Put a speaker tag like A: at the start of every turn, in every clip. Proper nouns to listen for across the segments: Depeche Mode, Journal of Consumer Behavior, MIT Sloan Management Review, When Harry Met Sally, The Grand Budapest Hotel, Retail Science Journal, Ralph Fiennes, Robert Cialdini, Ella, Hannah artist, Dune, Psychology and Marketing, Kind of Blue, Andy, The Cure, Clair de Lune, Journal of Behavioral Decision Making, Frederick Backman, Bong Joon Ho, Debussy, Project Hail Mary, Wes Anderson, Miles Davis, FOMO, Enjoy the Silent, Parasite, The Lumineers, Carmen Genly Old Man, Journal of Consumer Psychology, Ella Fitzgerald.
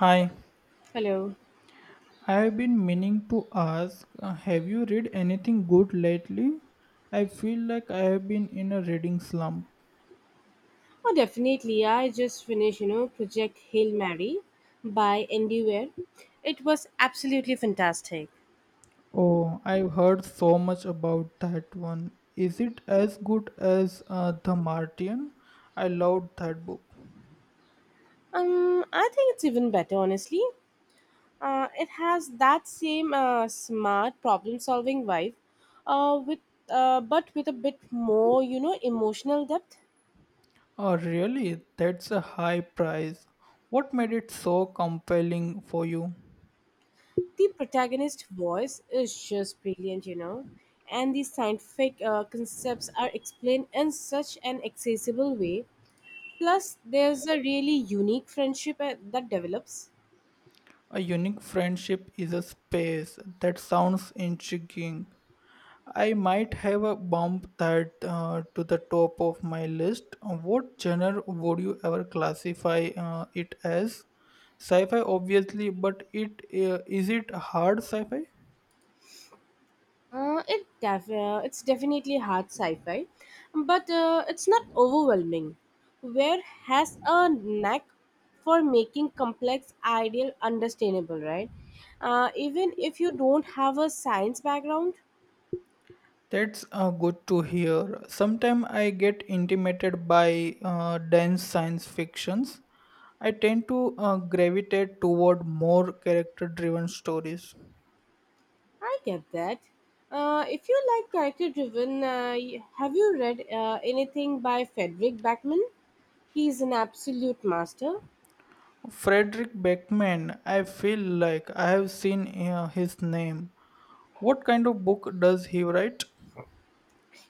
A: Hi,
B: Hello.
A: I have been meaning to ask, have you read anything good lately? I feel like I have been in a reading slump.
B: Oh, definitely. I just finished, you know, Project Hail Mary by Andy. It was absolutely fantastic.
A: Oh, I've heard so much about that one. Is it as good as The Martian? I loved that book.
B: I think it's even better, honestly. It has that same smart problem-solving vibe, with but with a bit more, you know, emotional depth.
A: Oh, really? That's a high price. What made it so compelling for you?
B: The protagonist's voice is just brilliant, you know, and the scientific concepts are explained in such an accessible way. Plus, there's a really unique friendship that develops.
A: A unique friendship is a space. That sounds intriguing. I might have a bump that to the top of my list. What genre would you ever classify it as? Sci-fi, obviously, but it is it hard sci-fi?
B: It's definitely hard sci-fi, but it's not overwhelming. Where has a knack for making complex ideal understandable, right? Even if you don't have a science background,
A: That's good to hear. Sometimes I get intimidated by dense science fictions. I tend to gravitate toward more character-driven stories.
B: I get that. If you like character-driven, have you read anything by Frederick Backman? He's an absolute master.
A: Frederick Beckman, I feel like I have seen his name. What kind of book does he write?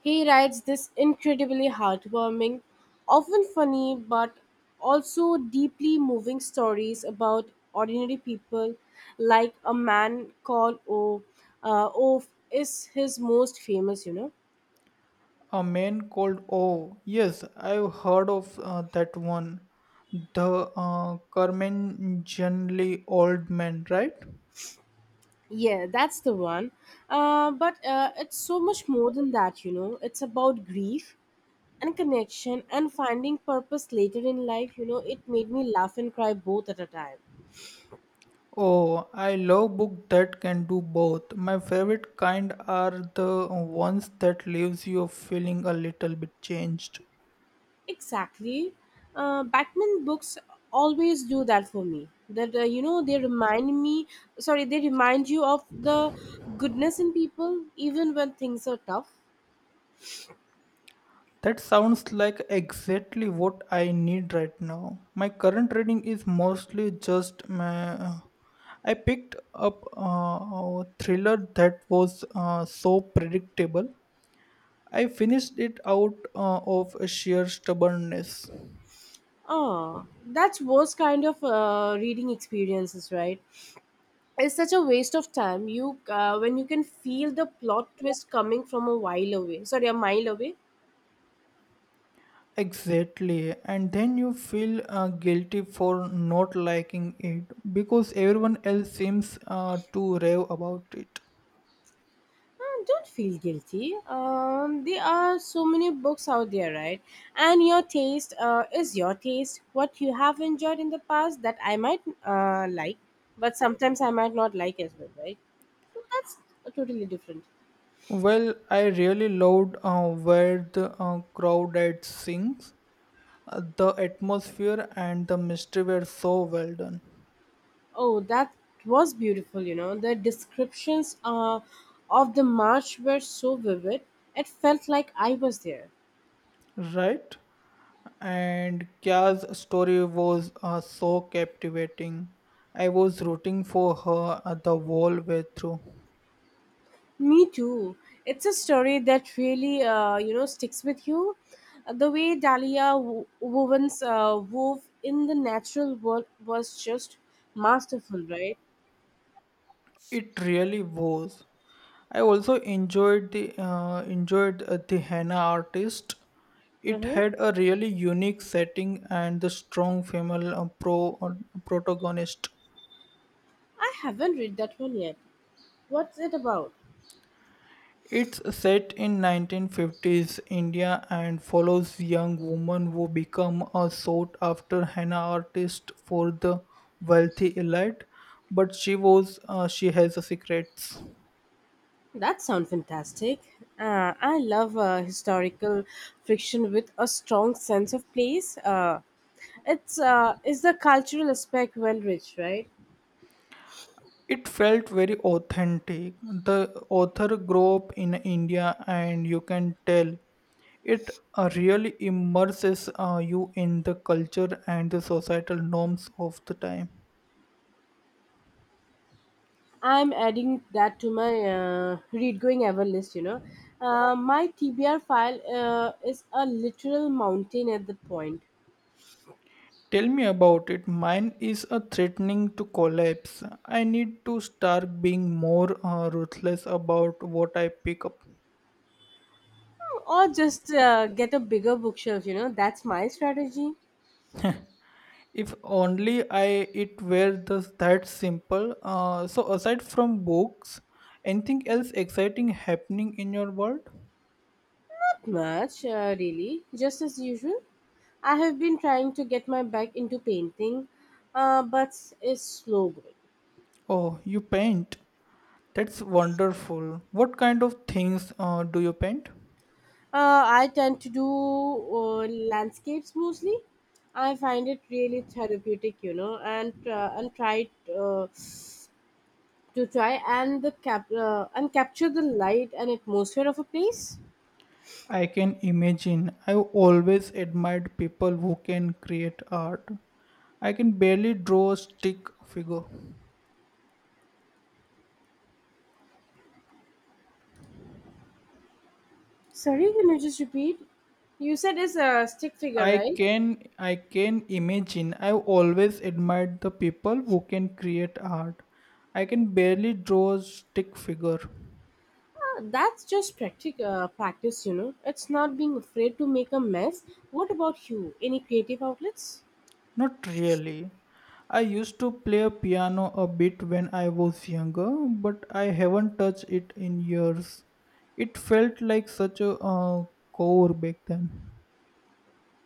B: He writes this incredibly heartwarming, often funny, but also deeply moving stories about ordinary people, like a man called O. O is his most famous.
A: A Man Called Oh, yes, I've heard of that one. The Carmen Genly Old Man, right?
B: Yeah, that's the one. But It's so much more than that, you know. It's about grief and connection and finding purpose later in life. It made me laugh and cry both at a time.
A: Oh, I love books that can do both. My favorite kind are the ones that leaves you feeling a little bit changed.
B: Exactly. Batman books always do that for me. They remind me. Sorry, they remind you of the goodness in people, even when things are tough.
A: That sounds like exactly what I need right now. My current trading is mostly just my. I picked up a thriller that was so predictable. I finished it out of sheer stubbornness.
B: Oh, that's worst kind of reading experiences, right? It's such a waste of time. You When you can feel the plot twist coming from a while away. Sorry, a mile away.
A: Exactly, and then you feel guilty for not liking it because everyone else seems to rave about it.
B: Don't feel guilty. There are so many books out there, right? And your taste is your taste. What you have enjoyed in the past that I might like, but sometimes I might not like as well, right? So that's totally different.
A: Well, I really loved where the crowd at sings. The atmosphere and the mystery were so well done,
B: Oh, that was beautiful, you know. The descriptions of the march were so vivid, it felt like I was there.
A: right? And Kya's story was so captivating. I was rooting for her at the whole way through.
B: Me too. It's a story that really, you know, sticks with you. The way Dahlia wove in the natural world was just masterful, right?
A: It really was. I also enjoyed the Hannah artist. It
B: Mm-hmm.
A: had a really unique setting and the strong female protagonist.
B: I haven't read that one yet. What's it about?
A: It's set in 1950s India and follows young women who become a sought after henna artist for the wealthy elite, but she has a secrets.
B: That sounds fantastic. I love historical fiction with a strong sense of place. It's Is the cultural aspect well rich, right?
A: It felt very authentic. The author grew up in India, and you can tell it really immerses you in the culture and the societal norms of the time.
B: I'm adding that to my read going ever list, you know. My TBR file is a literal mountain at the point.
A: Tell me about it. Mine is a threatening to collapse. I need to start being more ruthless about what I pick up.
B: Or just get a bigger bookshelf, you know. That's my strategy.
A: If only I, it were thus that simple. So aside from books, anything else exciting happening in your world?
B: Not much, really. Just as usual. I have been trying to get my back into painting, but it's slow going.
A: Oh, you paint. That's wonderful. What kind of things do you paint?
B: I tend to do landscapes mostly. I find it really therapeutic, you know, and tried to try and the cap and capture the light and atmosphere of a place.
A: I can imagine. I've always admired people who can create art. I can barely draw a stick figure.
B: Sorry, can you just repeat? You said it's a stick figure,
A: I
B: right?
A: can I can imagine. I've always admired the people who can create art. I can barely draw a stick figure.
B: That's just practice, you know. It's not being afraid to make a mess. What about you? Any creative outlets?
A: Not really. I used to play a piano a bit when I was younger, but I haven't touched it in years. It felt like such a core back then.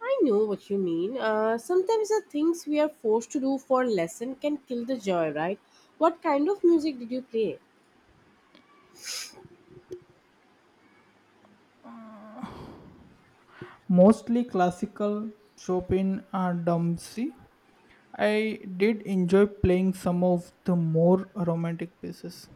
B: I know what you mean. Sometimes the things we are forced to do for lesson can kill the joy, right? What kind of music did you play?
A: Mostly classical, Chopin and Debussy. I did enjoy playing some of the more romantic pieces.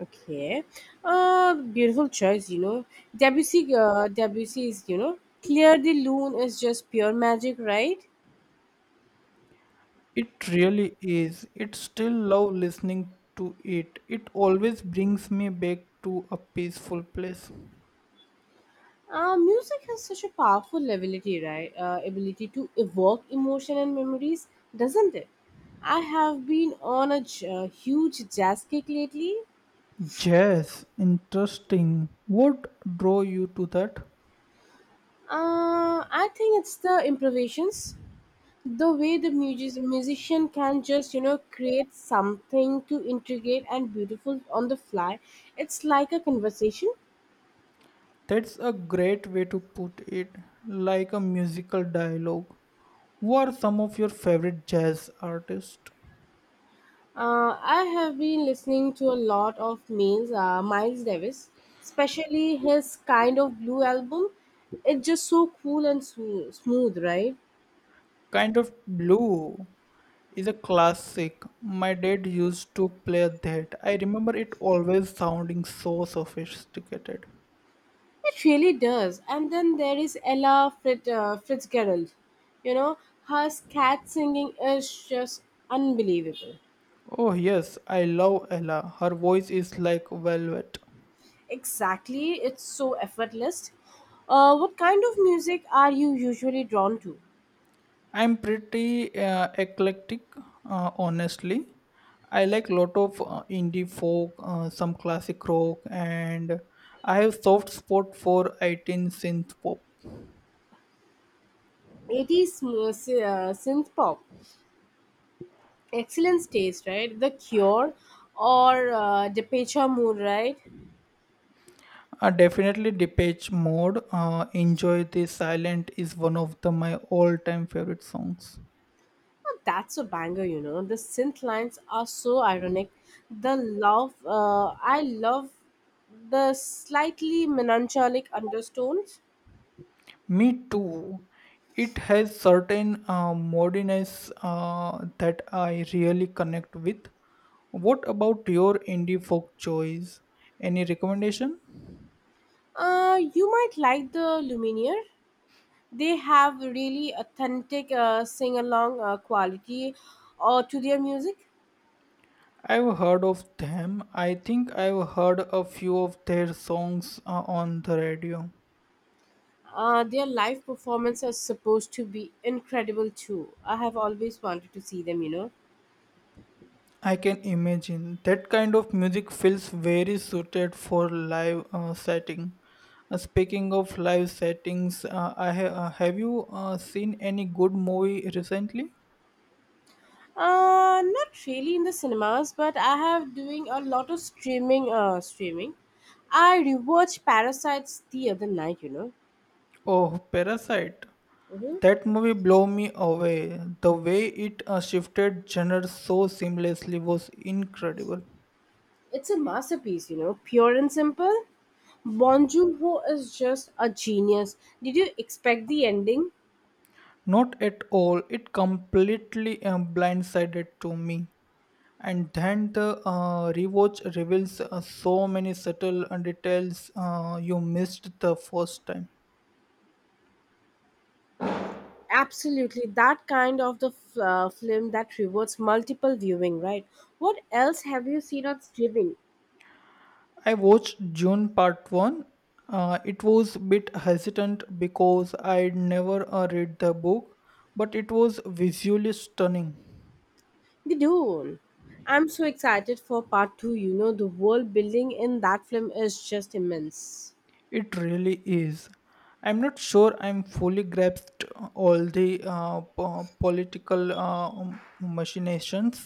B: Okay. Beautiful choice, you know. Debussy is, you know, Clear the Lune is just pure magic, right?
A: It really is. It still love listening to it. It always brings me back to a peaceful place.
B: Music has such a powerful ability, right? Ability to evoke emotion and memories, doesn't it? I have been on a huge jazz kick lately.
A: Jazz, interesting. What draw you to that?
B: I think it's the improvisations. The way the musician can just, you know, create something to intricate and beautiful on the fly. It's like a conversation.
A: That's a great way to put it, like a musical dialogue. Who are some of your favorite jazz artists?
B: I have been listening to a lot of Miles Davis, especially his Kind of Blue album. It's just so cool and smooth, right.
A: Kind of Blue is a classic. My dad used to play that. I remember it always sounding so sophisticated.
B: It really does, and then there is Fitzgerald, you know, her scat singing is just unbelievable.
A: Oh, yes, I love Ella. Her voice is like velvet.
B: Exactly, it's so effortless. What kind of music are you usually drawn to?
A: I'm pretty eclectic, honestly. I like lot of indie folk, some classic rock, and I have soft spot for 18 synth pop.
B: 80s synth pop. Excellent taste, right? The Cure or Depeche Mode, right?
A: Definitely Depeche Mode. Enjoy the Silent is one of the my all-time favorite songs.
B: Oh, that's a banger, you know. The synth lines are so ironic. I love the slightly melancholic undertones.
A: Me too. It has certain moodiness that I really connect with. What about your indie folk choice? Any recommendation?
B: You might like the Lumineer. They have really authentic sing along quality to their music.
A: I've heard of them. I think I've heard a few of their songs on the radio.
B: Their live performance is supposed to be incredible too. I have always wanted to see them, you know.
A: I can imagine that kind of music feels very suited for live setting. Speaking of live settings, have you seen any good movie recently?
B: Not really in the cinemas, but I have doing a lot of streaming. I rewatched Parasites the other night. You know,
A: Oh, Parasite.
B: hmm,
A: That movie blew me away. The way it shifted genres so seamlessly was incredible.
B: it's a masterpiece. You know, pure and simple. Bon Joon Ho is just a genius. Did you expect the ending?
A: Not at all. It completely blindsided to me, and then the rewatch reveals so many subtle details you missed the first time.
B: Absolutely, that kind of the film that rewards multiple viewing, right? What else have you seen on streaming?
A: I watched June part 1. It was bit hesitant because I'd never read the book, but it was visually stunning.
B: The Dune. I'm so excited for part two. You know, the world building in that film is just immense.
A: It really is. I'm not sure I'm fully grasped all the political machinations.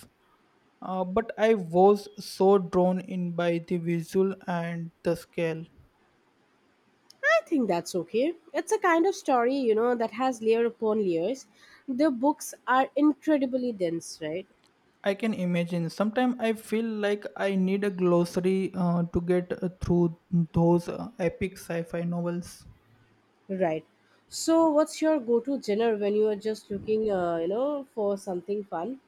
A: But I was so drawn in by the visual and the scale.
B: I think that's okay. It's a kind of story, you know, that has layer upon layers. The books are incredibly dense, right?
A: I can imagine. Sometimes I feel like I need a glossary to get through those epic sci fi novels.
B: Right. So, what's your go-to genre when you are just looking, you know, for something fun?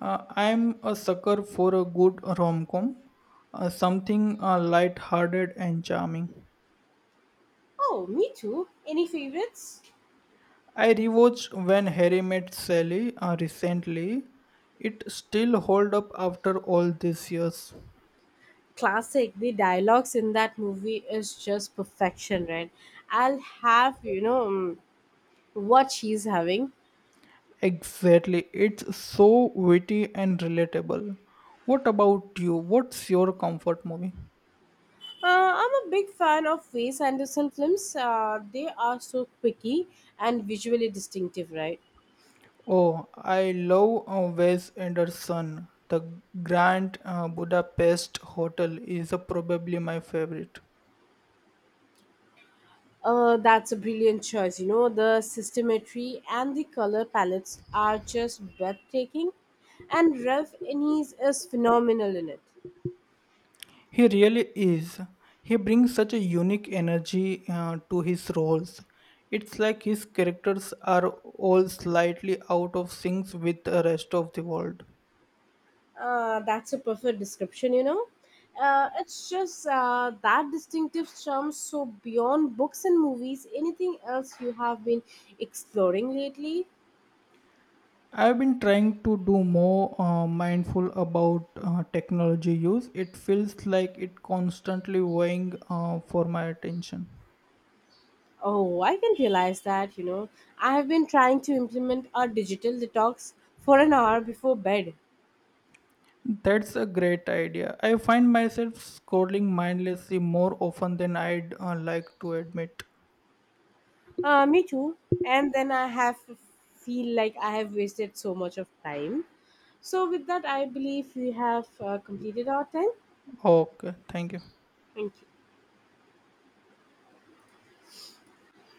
A: I'm a sucker for a good rom com, something light-hearted and charming.
B: Oh, me too. Any favorites?
A: I rewatched When Harry Met Sally recently. It still hold up after all these years.
B: Classic. The dialogues in that movie is just perfection, right? I'll have you know, mm, what she's having.
A: Exactly. It's so witty and relatable. What about you? What's your comfort movie?
B: I'm a big fan of Wes Anderson films. They are so quirky and visually distinctive, right?
A: Oh, I love Wes Anderson. The Grand Budapest Hotel is probably my favorite.
B: That's a brilliant choice, you know, the systemetry and the color palettes are just breathtaking, and Ralph Innes is phenomenal in it.
A: He really is. He brings such a unique energy to his roles. It's like his characters are all slightly out of sync with the rest of the world.
B: That's a perfect description, you know. It's just that distinctive charm. So, beyond books and movies, anything else you have been exploring lately?
A: I've been trying to do more mindful about technology use. It feels like it constantly weighing for my attention.
B: Oh, I can realize that, you know. I have been trying to implement a digital detox for an hour before bed.
A: That's a great idea. I find myself scrolling mindlessly more often than I'd like to admit.
B: Me too. And then I have feel like I have wasted so much of time. So, with that, I believe we have completed our time.
A: Okay, thank you.
B: Thank you.